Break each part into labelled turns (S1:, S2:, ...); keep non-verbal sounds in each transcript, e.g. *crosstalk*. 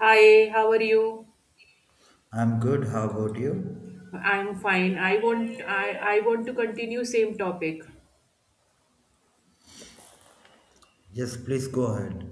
S1: Hi, how are you?
S2: I'm good. How about you?
S1: I'm fine. I want to continue same topic.
S2: Yes, please go ahead.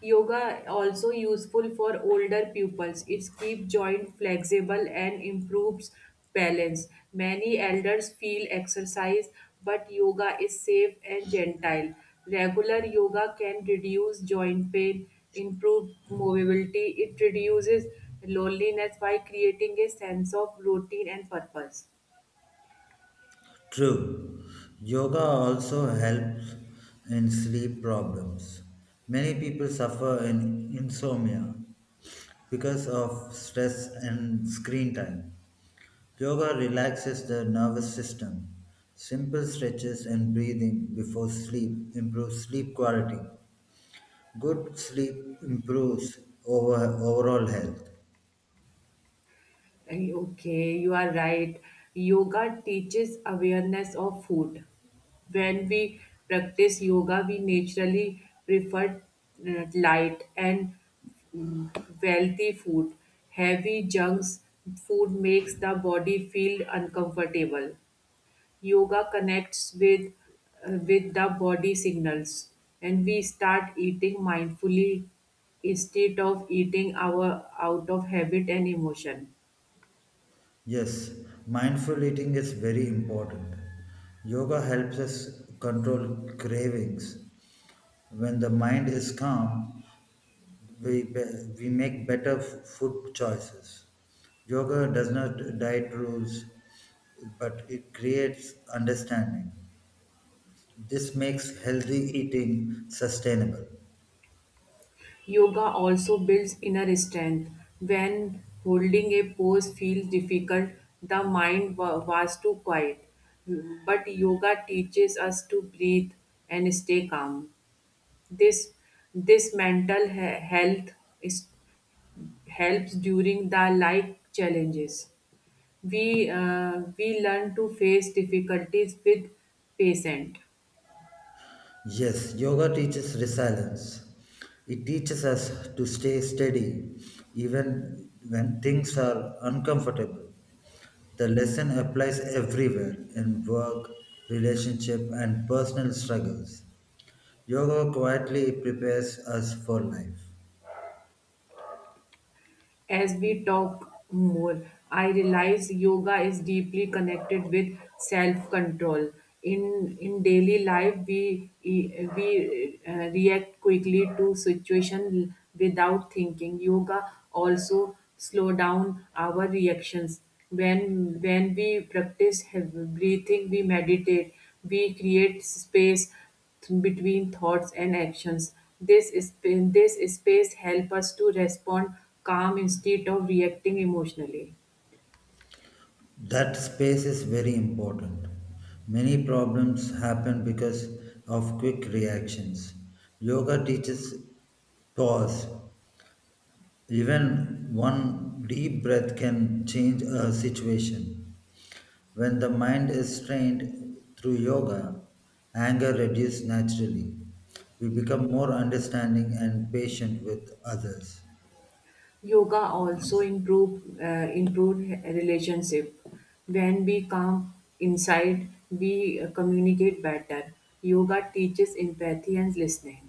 S1: Yoga also useful for older pupils. It keeps joint flexible and improves balance. Many elders feel exercise, but yoga is safe and gentle. Regular yoga can reduce joint pain, improve mobility. It reduces loneliness by creating a sense of routine and purpose.
S2: True. Yoga also helps in sleep problems. Many people suffer in insomnia because of stress and screen time. Yoga relaxes the nervous system. Simple stretches and breathing before sleep improves sleep quality. Good sleep improves overall health.
S1: Okay, you are right. Yoga teaches awareness of food. When we practice yoga, we naturally prefer light and mm, wealthy food. Heavy junks food makes the body feel uncomfortable. Yoga connects with the body signals, and we start eating mindfully instead of eating our out of habit and emotion.
S2: Yes, mindful eating is very important. Yoga helps us control cravings. When the mind is calm, we make better food choices. Yoga does not diet rules, but it creates understanding. This makes healthy eating sustainable.
S1: Yoga also builds inner strength. When holding a pose feels difficult, the was too quiet. But yoga teaches us to breathe and stay calm. This this health is, helps during the life challenges. We learn to face difficulties with patience.
S2: Yes, yoga teaches resilience. It teaches us to stay steady even when things are uncomfortable. The lesson applies everywhere in work, relationship, and personal struggles. Yoga quietly prepares us for life.
S1: As we talk more, I realize yoga is deeply connected with self-control. In daily life, we react quickly to situation without thinking. Yoga also slow down our reactions. When we practice breathing, we meditate, we create space between thoughts and actions. This space help us to respond calm instead of reacting emotionally.
S2: That space is very important. Many problems happen because of quick reactions. Yoga teaches pause. Even one deep breath can change a situation. When the mind is trained through yoga, anger reduces naturally. We become more understanding and patient with others.
S1: Yoga also improve relationship. When we calm inside, we communicate better. Yoga teaches empathy and listening.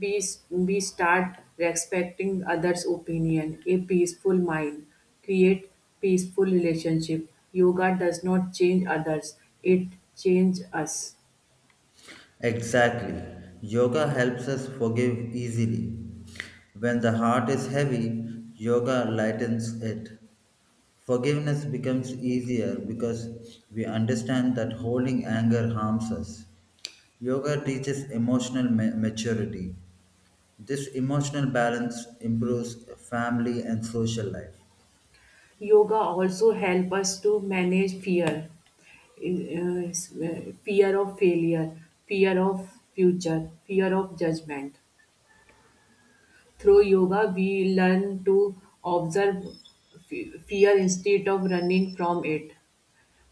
S1: We start respecting others' opinion. A peaceful mind create peaceful relationship. Yoga does not change others; it changes us.
S2: Exactly. Yoga helps us forgive easily. When the heart is heavy, yoga lightens it. Forgiveness becomes easier because we understand that holding anger harms us. Yoga teaches emotional maturity. This emotional balance improves family and social life.
S1: Yoga also help us to manage fear, in- fear of failure, fear of future, fear of judgment. Through yoga, we learn to observe fear instead of running from it.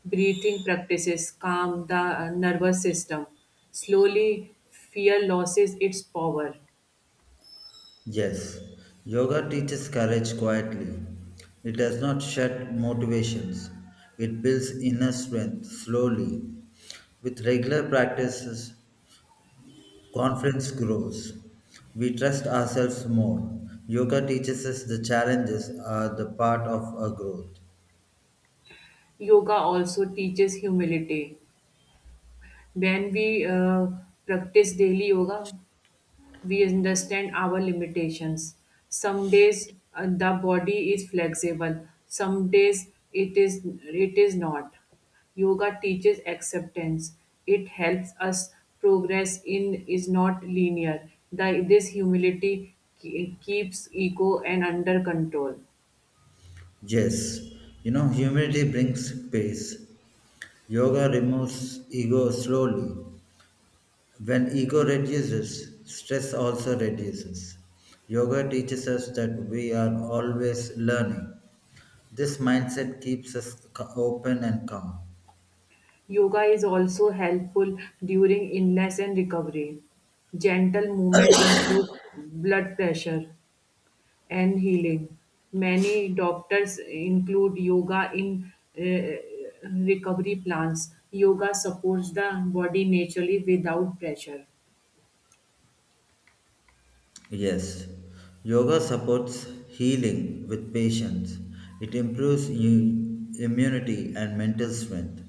S1: Breathing practices calm the nervous system, slowly fear loses its power.
S2: Yes, yoga teaches courage quietly. It does not shut motivations, it builds inner strength slowly. With regular practices, confidence grows. We trust ourselves more. Yoga teaches us the challenges are the part of our growth.
S1: Yoga also teaches humility. When we practice daily yoga, we understand our limitations. Some days the body is flexible, some days it is not. Yoga teaches acceptance. It helps us progress in is not linear. This humility keeps ego and under control.
S2: Yes, you know, humility brings peace. Yoga removes ego slowly. When ego reduces, stress also reduces. Yoga teaches us that we are always learning. This mindset keeps us open and calm.
S1: Yoga is also helpful during illness and recovery. Gentle movements improve blood pressure and healing. Many doctors include yoga in recovery plans. Yoga supports the body naturally without pressure.
S2: Yes, yoga supports healing with patience. It improves immunity and mental strength.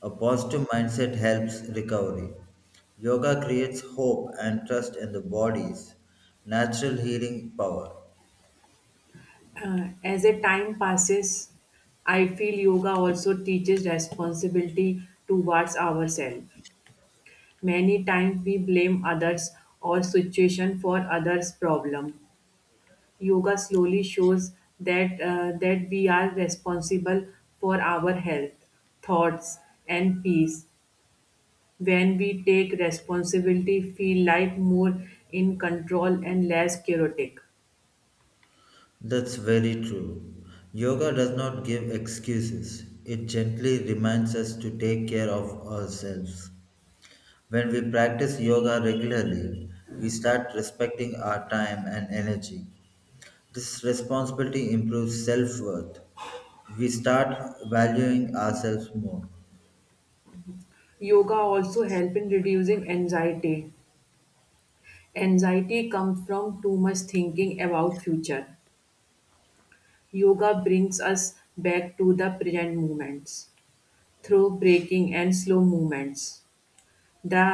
S2: A positive mindset helps recovery. Yoga creates hope and trust in the body's natural healing power.
S1: As a time passes, I feel yoga also teaches responsibility towards ourselves. Many times we blame others or situation for others' problem. Yoga slowly shows that we are responsible for our health, thoughts, and peace. When we take responsibility, feel life more in control and less chaotic.
S2: That's very true. Yoga does not give excuses, it gently reminds us to take care of ourselves. When we practice yoga regularly, we start respecting our time and energy. This responsibility improves self worth. We start valuing ourselves more.
S1: Yoga also help in reducing anxiety. Anxiety comes from too much thinking about future. Yoga brings us back to the present moments through breaking and slow movements. the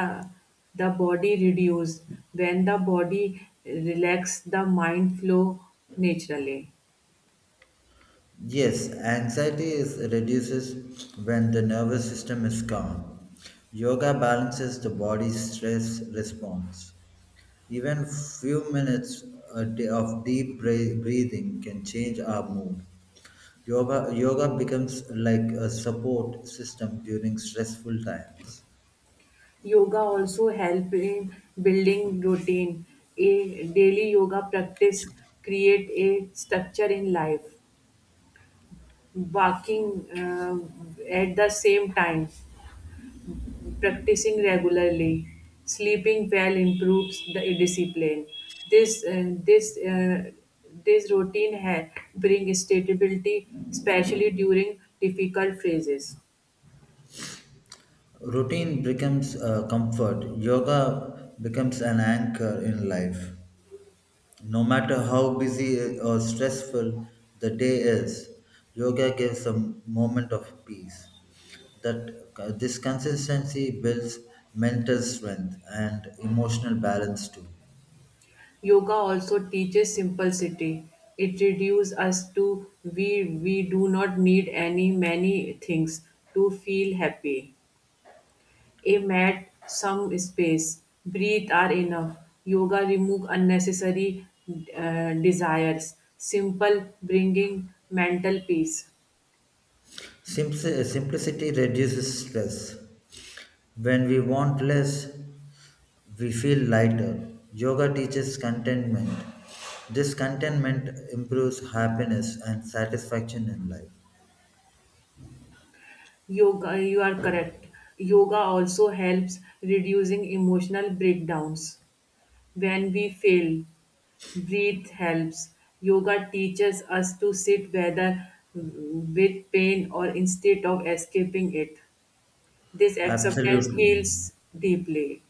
S1: the body reduced when the body relax the mind flow naturally.
S2: Yes, anxiety is reduces when the nervous system is calm. Yoga balances the body's stress response. Even few minutes a day of deep breathing can change our mood. Yoga becomes like a support system during stressful times.
S1: Yoga also help in building routine, a daily yoga practice create a structure in life, walking at the same time, practicing regularly, sleeping well improves the discipline. This uh, this uh, this routine bring stability, especially during difficult phases.
S2: Routine becomes a comfort. Yoga becomes an anchor in life. No matter how busy or stressful the day is, yoga gives a moment of peace. That This consistency builds mental strength and emotional balance too.
S1: Yoga also teaches simplicity. It reduces us to we do not need any many things to feel happy. A mat, some space, breathe are enough. Yoga remove unnecessary desires. Simple, bringing mental peace.
S2: Simplicity reduces stress. When we want less, we feel lighter. Yoga teaches contentment. This contentment improves happiness and satisfaction in life.
S1: Yoga, you are correct. Yoga also helps reducing emotional breakdowns. When we fail, breathe helps. Yoga teaches us to sit whether with pain or instead of escaping it. This acceptance
S2: Absolutely.
S1: heals deeply.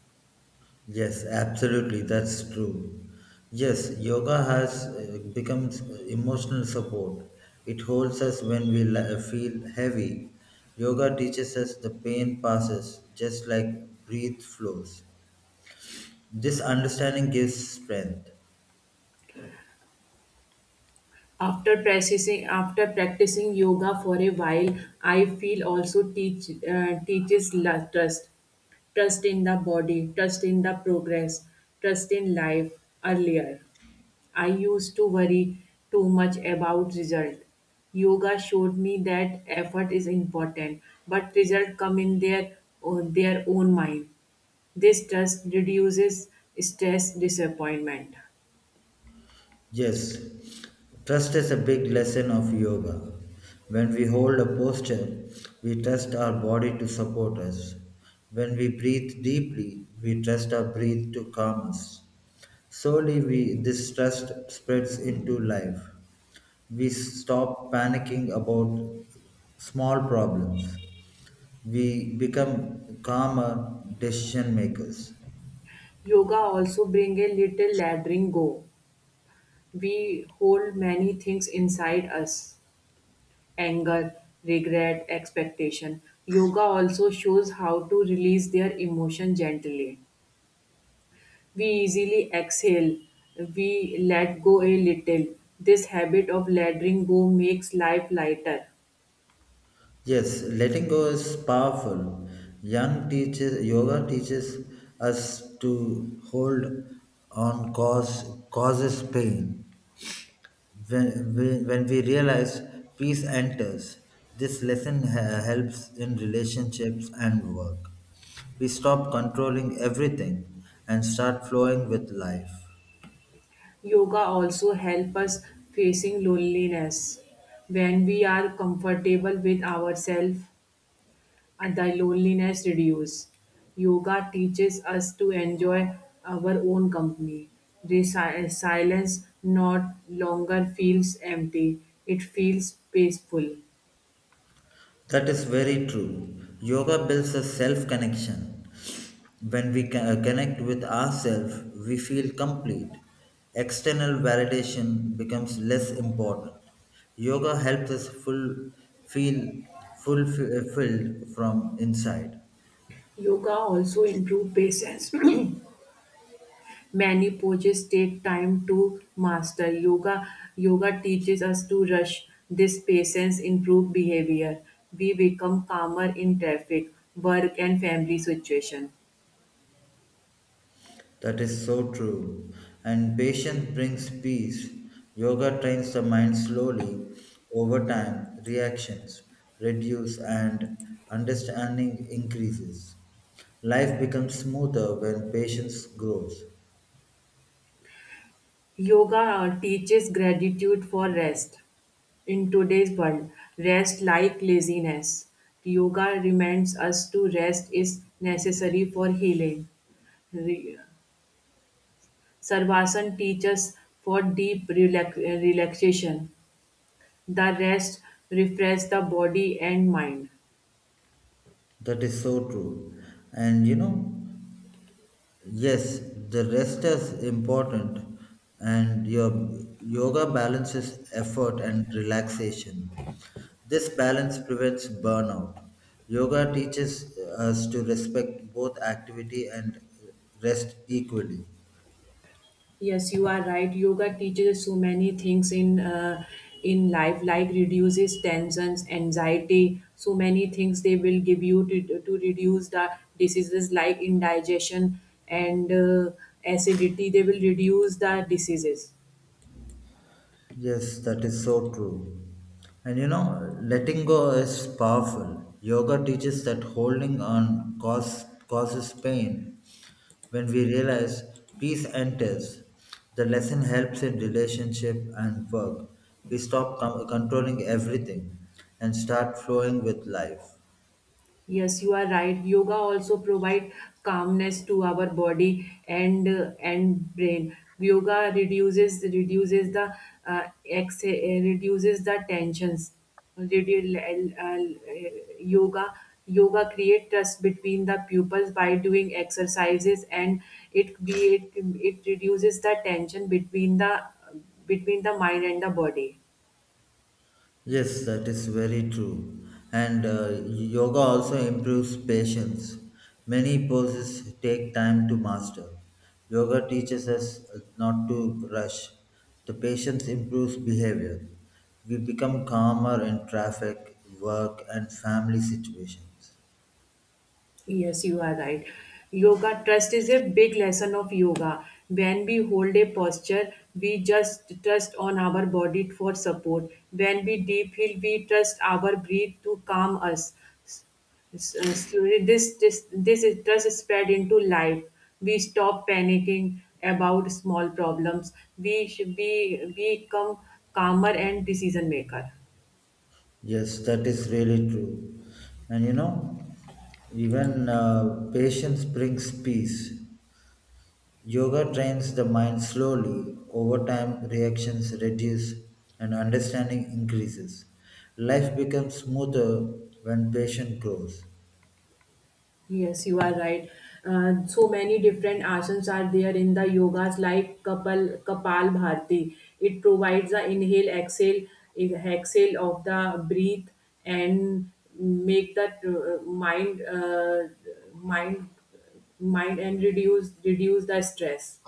S2: Yes, absolutely. That's true. Yes, yoga has becomes emotional support. It holds us when we feel heavy. Yoga teaches us the pain passes just like breath flows. This understanding gives strength.
S1: After practicing yoga for a while, I feel also teaches trust, trust in the body, trust in the progress, trust in life. Earlier, I used to worry too much about result. Yoga showed me that effort is important, but result come in their own mind. This trust reduces stress, disappointment.
S2: Yes, trust is a big lesson of yoga. When we hold a posture, we trust our body to support us. When we breathe deeply, we trust our breath to calm us. Slowly, this trust spreads into life. We stop panicking about small problems. We become calmer decision makers.
S1: Yoga also bring a little laddering go. We hold many things inside us: anger, regret, expectation. Yoga also shows how to release their emotion gently. We easily exhale, we let go a little. This habit of letting go makes life lighter.
S2: Yes, letting go is powerful. Young teaches yoga teaches us to hold on cause causes pain. When we realize peace enters, this lesson helps in relationships and work. We stop controlling everything and start flowing with life.
S1: Yoga also helps us facing loneliness when we are comfortable with ourselves and thy loneliness reduce. Yoga teaches us to enjoy our own company. The silence not longer feels empty, it feels peaceful.
S2: That is very true. Yoga builds a self connection. When we connect with ourselves, we feel complete. External validation becomes less important. Yoga helps us feel fulfilled from inside.
S1: Yoga also improve patience. *coughs* *clears throat* Many poses take time to master. Yoga teaches us to rush. This patience improve behavior. We become calmer in traffic, work and family situation.
S2: That is so true. And patience brings peace. Yoga trains the mind slowly. Over time, reactions reduce and understanding increases. Life becomes smoother when patience grows.
S1: Yoga teaches gratitude for rest. In today's world, rest like laziness. Yoga reminds us to rest is necessary for healing. Re- Sarvasan teaches for deep relaxation. The rest refreshes the body and mind.
S2: That is so true. And you know, yes, the rest is important, and your yoga balances effort and relaxation. This balance prevents burnout. Yoga teaches us to respect both activity and rest equally.
S1: Yes, you are right. Yoga teaches so many things in life, like reduces tensions, anxiety, so many things they will give you to reduce the diseases like indigestion and acidity. They will reduce the diseases.
S2: Yes, that is so true. And you know, letting go is powerful. Yoga teaches that holding on causes pain. When we realize peace enters, the lesson helps in relationship and work. We stop controlling everything and start flowing with life.
S1: Yes, you are right. Yoga also provide calmness to our body and brain. Yoga reduces the reduces the tensions. Redu- uh, uh, yoga yoga create trust between the pupils by doing exercises and it create it reduces the tension between the mind and the body.
S2: Yes, that is very true. And yoga also improves patience. Many poses take time to master. Yoga teaches us not to rush. The patience improves behavior. We become calmer in traffic, work, and family situations.
S1: Yes, you are right. Yoga trust is a big lesson of yoga. When we hold a posture, we just trust on our body for support. When we deep feel, we trust our breath to calm us. S- slowly, this is trust spread into life. We stop panicking about small problems. We should be we become calmer and decision maker.
S2: Yes, that is really true. And you know, even patience brings peace. Yoga trains the mind slowly. Over time, reactions reduce and understanding increases. Life becomes smoother when patience grows.
S1: Yes, you are right. So many different asanas are there in the yogas like Kapal, Kapal Bharti. It provides the inhale, exhale, exhale of the breath and make that mind, mind and reduce the stress.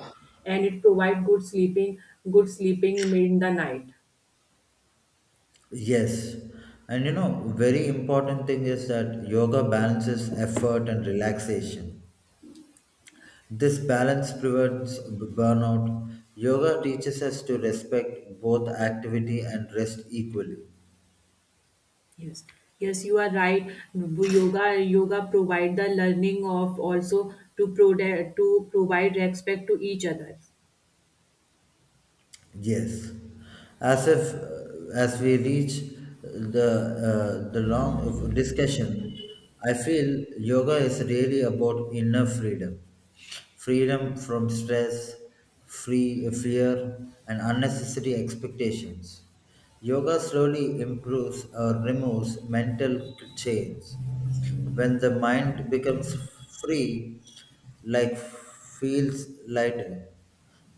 S1: And it provides good sleeping in the night.
S2: Yes, and you know, very important thing is that yoga balances effort and relaxation. This balance prevents burnout. Yoga teaches us to respect both activity and rest equally.
S1: Yes, yes, you are right. Yoga provide the learning of also to to provide respect to each other.
S2: Yes, as if as we reach the long discussion, I feel yoga is really about inner freedom, freedom from stress, free fear, and unnecessary expectations. Yoga slowly improves or removes mental chains when the mind becomes free, life feels lighter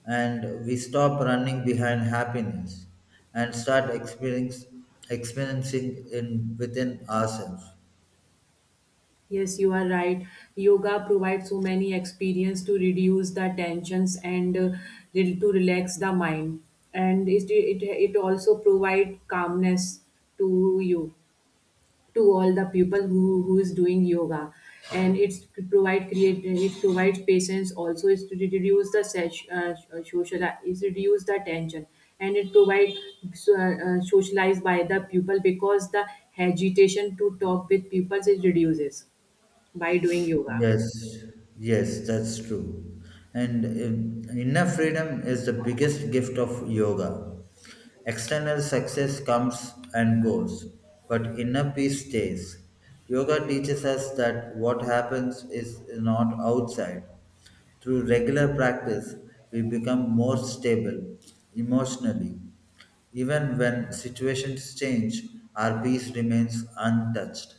S2: and we stop running behind happiness and start experiencing in within ourselves.
S1: Yes, you are right. Yoga provides so many experience to reduce the tensions and to relax the mind, and it also provide calmness to you to all the people who is doing yoga and it's to provide create it provides patience also is to reduce the social is reduce the tension and it provides socialized by the pupil because the hesitation to talk with pupils is reduces by doing yoga.
S2: Yes, yes, that's true. And inner freedom is the biggest gift of yoga. External success comes and goes, but inner peace stays. Yoga teaches us that what happens is not outside. Through regular practice, we become more stable emotionally. Even when situations change, our peace remains untouched.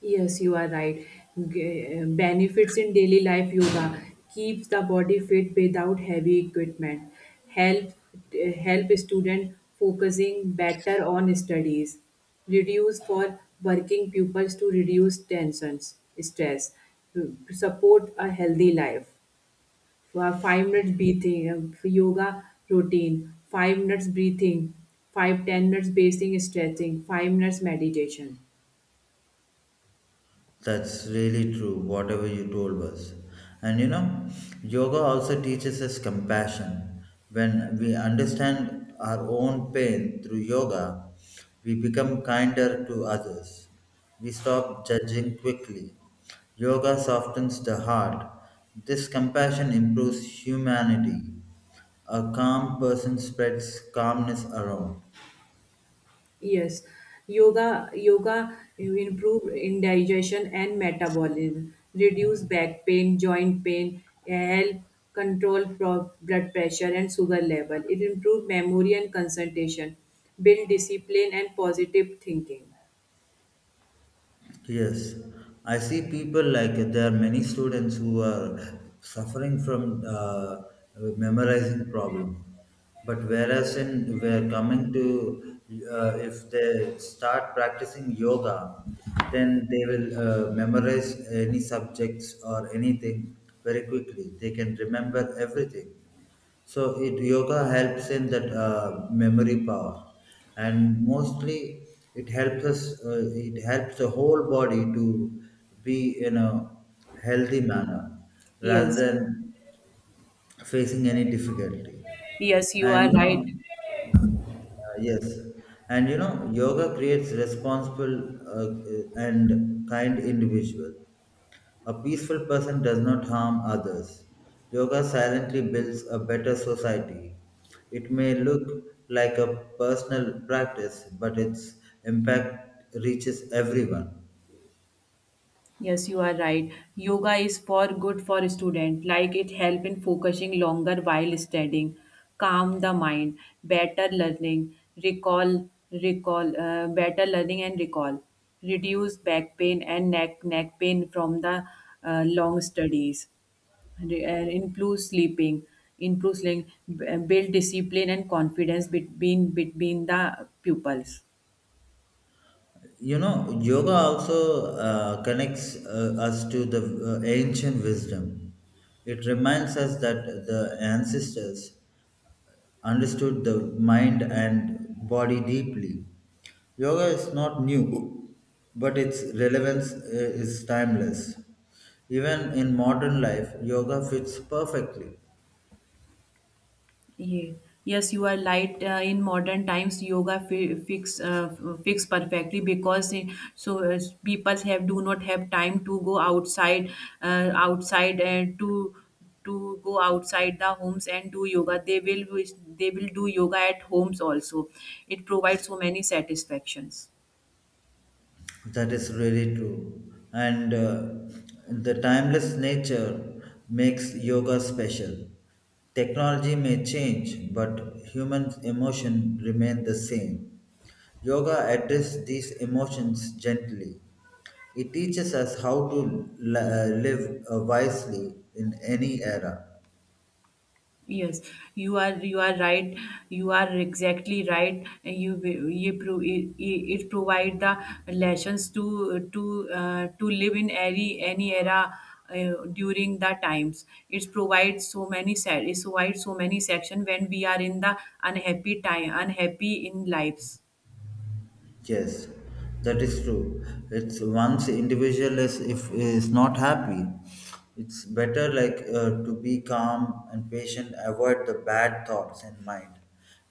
S1: Yes, you are right. Benefits in daily life yoga keeps the body fit without heavy equipment. Help help student focusing better on studies. Reduce for working pupils to reduce tensions, stress. Support a healthy life. For 5 minutes breathing for yoga routine. 5 minutes breathing. 5 10 minutes basic stretching. 5 minutes meditation.
S2: That's really true, whatever you told us. And you know, yoga also teaches us compassion. When we understand our own pain through yoga, we become kinder to others. We stop judging quickly. Yoga softens the heart. This compassion improves humanity. A calm person spreads calmness around.
S1: Yes, yoga improve in digestion and metabolism, reduce back pain, joint pain, help blood pressure and sugar level. It improve memory and concentration, build discipline and positive thinking.
S2: Yes, I see people like there are many students who are suffering from memorizing problem. But whereas in we're coming to if they start practicing yoga, then they will memorize any subjects or anything very quickly. They can remember everything. So it yoga helps in that memory power, and mostly it helps us. It helps the whole body to be in a healthy manner rather
S1: Yes,
S2: than facing any difficulty.
S1: yes, you
S2: And
S1: are
S2: you know,
S1: right.
S2: uh, yes, and you know, yoga creates responsible and kind individual. A peaceful person does not harm others. Yoga silently builds a better society. It may look like a personal practice, but its impact reaches everyone.
S1: Yes, you are right. Yoga is for good for a student, like it help in focusing longer while studying, calm the mind, better learning, better learning and recall, reduce back pain and neck pain from the long studies, Re- uh, improve sleeping, improve sleeping, build discipline and confidence between the pupils.
S2: You know, yoga also connects us to the ancient wisdom. It reminds us that the ancestors understood the mind and body deeply. Yoga is not new, but its relevance is timeless. Even in modern life, yoga fits perfectly.
S1: Yeah. Yes, you are right. In modern times, yoga fi fix f- fix perfectly because people have do not have time to go outside, outside and to go outside the homes and do yoga. They will do yoga at homes also. It provides so many satisfactions.
S2: That is really true. And the timeless nature makes yoga special. Technology may change, but human emotion remain the same. Yoga addresses these emotions gently. It teaches us how to live wisely in any era.
S1: Yes, you are right. You are exactly right. It provide the lessons to live in any era during the times. It provides it provides so many section when we are in the unhappy time unhappy in lives.
S2: Yes, that is true. It's once individual is if is not happy, it's better like to be calm and patient, avoid the bad thoughts in mind,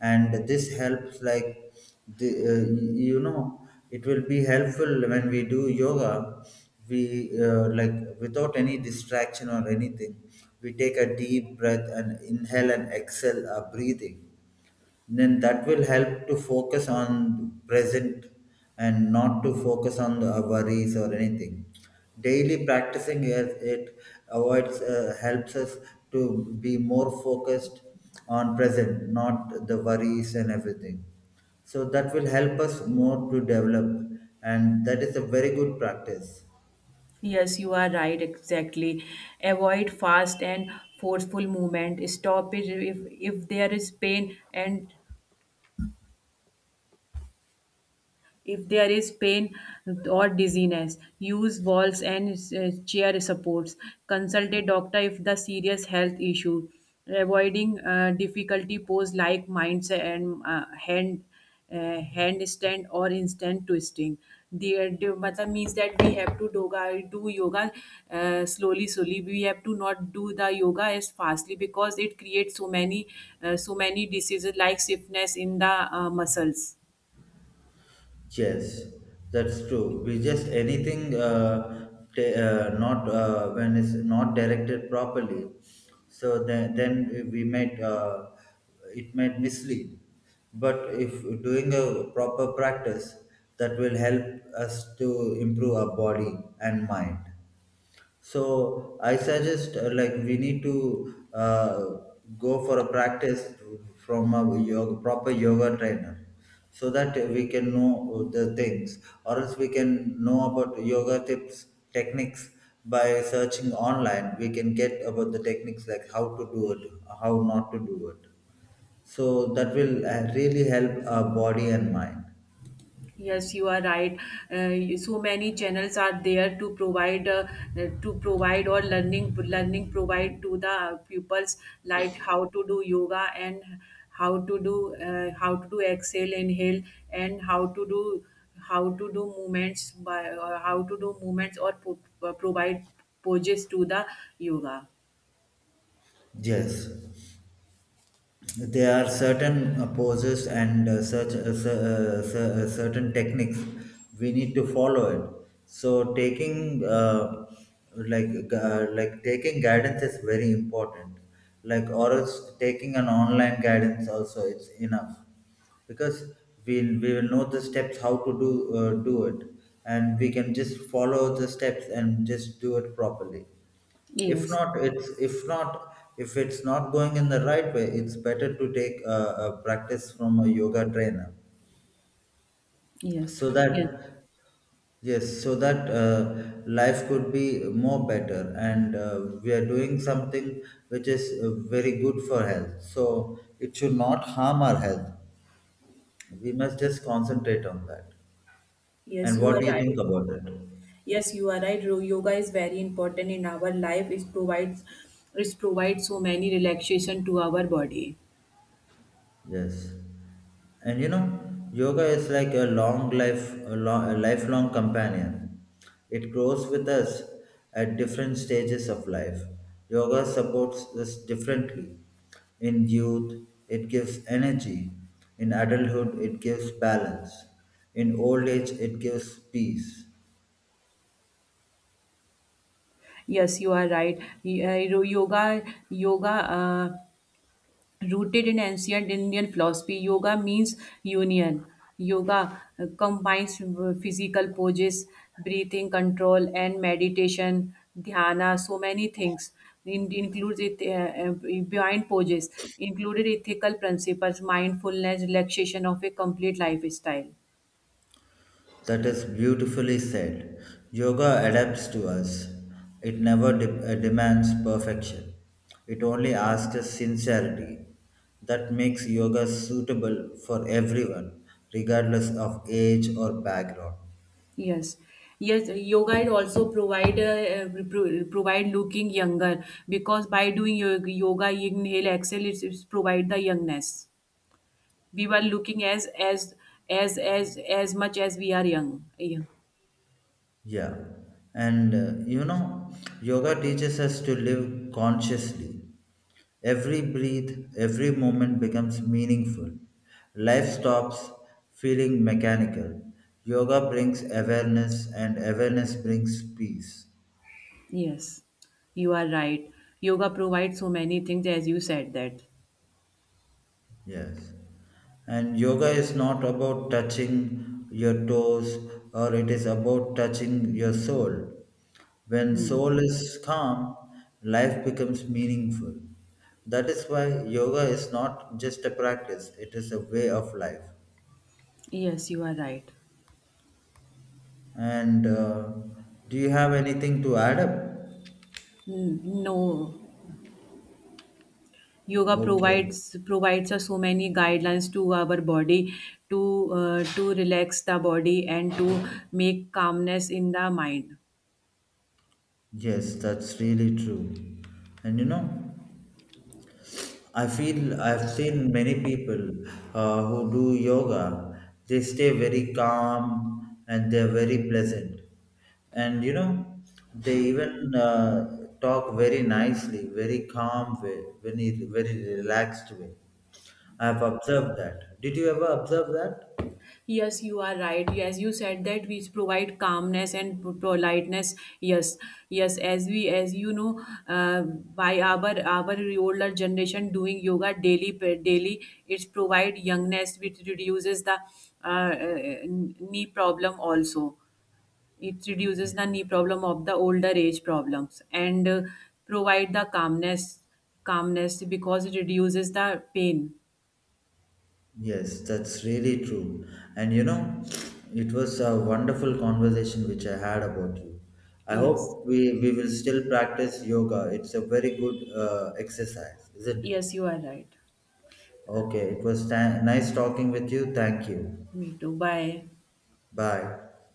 S2: and this helps like the you know it will be helpful when we do yoga. We Like without any distraction or anything, we take a deep breath and inhale and exhale our breathing, then that will help to focus on present and not to focus on the worries or anything. Daily practicing it avoids helps us to be more focused on present, not the worries and everything, so that will help us more to develop, and that is a very good practice.
S1: Yes, you are right, exactly. Avoid fast and forceful movement. Stop it if there is pain and if there is pain or dizziness, use walls and chair supports. Consult a doctor if the serious health issue. Avoiding difficulty pose like minds and handstand or instant twisting. The matlab means that we have do yoga slowly, slowly. We have to not do the yoga as fastly because it creates so many, so many diseases like stiffness in the muscles.
S2: Yes, that's true. We just anything not when it's not directed properly, so then we might it might mislead. But if doing a proper practice, that will help us to improve our body and mind. So I suggest like we need to go for a practice from a proper yoga trainer so that we can know the things, or else we can know about yoga tips techniques by searching online, we can get about the techniques like how to do it, how not to do it, so that will really help our body and mind.
S1: Yes, you are right. So many channels are there to provide or learning learning provide to the pupils like how to do yoga and how to do exhale inhale and how to do movements by or how to do movements or provide poses to the yoga.
S2: Yes, there are certain poses and such certain techniques we need to follow it, so taking like taking guidance is very important, like or else taking an online guidance also it's enough, because we will know the steps how to do it, and we can just follow the steps and just do it properly. If
S1: Yes,
S2: not, it's if not, if it's not going in the right way, it's better to take a practice from a yoga trainer,
S1: yes,
S2: so that
S1: yes,
S2: yes, so that life could be more better, and we are doing something which is very good for health, so it should not harm our health. We must just concentrate on that.
S1: yes.
S2: And
S1: You
S2: what
S1: are
S2: do you
S1: right.
S2: think about it?
S1: Yes, you are right. Yoga is very important in our life. It provides so many relaxation to our body.
S2: Yes, and you know, yoga is like a long life, a, long, a lifelong companion. It grows with us at different stages of life. Yoga supports us differently. In youth, it gives energy. In adulthood, it gives balance. In old age, it gives peace.
S1: Yes, you are right. Yoga. Rooted in ancient Indian philosophy, yoga means union. Yoga combines physical poses, breathing control, and meditation, dhyana, so many things. Includes it behind poses, included ethical principles, mindfulness, relaxation of a complete lifestyle.
S2: That is beautifully said. Yoga adapts to us. It never demands perfection. It only asks sincerity. That makes yoga suitable for everyone, regardless of age or background.
S1: Yes. Yes, yoga is also provide provide looking younger because by doing yoga, yoga inhale, exhale, it's provide the youngness. We were looking as much as we are young. Yeah.
S2: Yeah. And you know, yoga teaches us to live consciously. Every breath, every moment becomes meaningful. Life stops feeling mechanical. Yoga brings awareness, and awareness brings peace.
S1: yes you are right. yoga provides so many things as you said that.
S2: Yes. And yoga is not about touching your toes, or it is about touching your soul. When
S1: Hmm.
S2: soul is calm, life becomes meaningful. That is why yoga is not just a practice, it is a way of life.
S1: yes you are right.
S2: And do you have anything to add up?
S1: Hmm, no yoga
S2: Okay.
S1: provides us so many guidelines to our body to to relax the body and to make calmness in the mind.
S2: Yes, that's really true. And you know, I feel I've seen many people who do yoga. They stay very calm and they're very pleasant. And you know, they even talk very nicely, very calm way, very, very relaxed way. I've observed that. Did you ever observe that?
S1: Yes, you are right. Yes, you said that we provide calmness and politeness. Yes, yes. As we, as you know, by our older generation doing yoga daily, daily, it's provide youngness, which reduces the knee problem also. It reduces the knee problem of the older age problems and provide the calmness, calmness because it reduces the pain.
S2: Yes, that's really true. And you know, it was a wonderful conversation which I had about you. I
S1: Yes,
S2: hope we, we will still practice yoga. It's a very good exercise, isn't it?
S1: yes, you are right.
S2: Okay, it was nice talking with you. Thank you.
S1: Me too. Bye.
S2: Bye.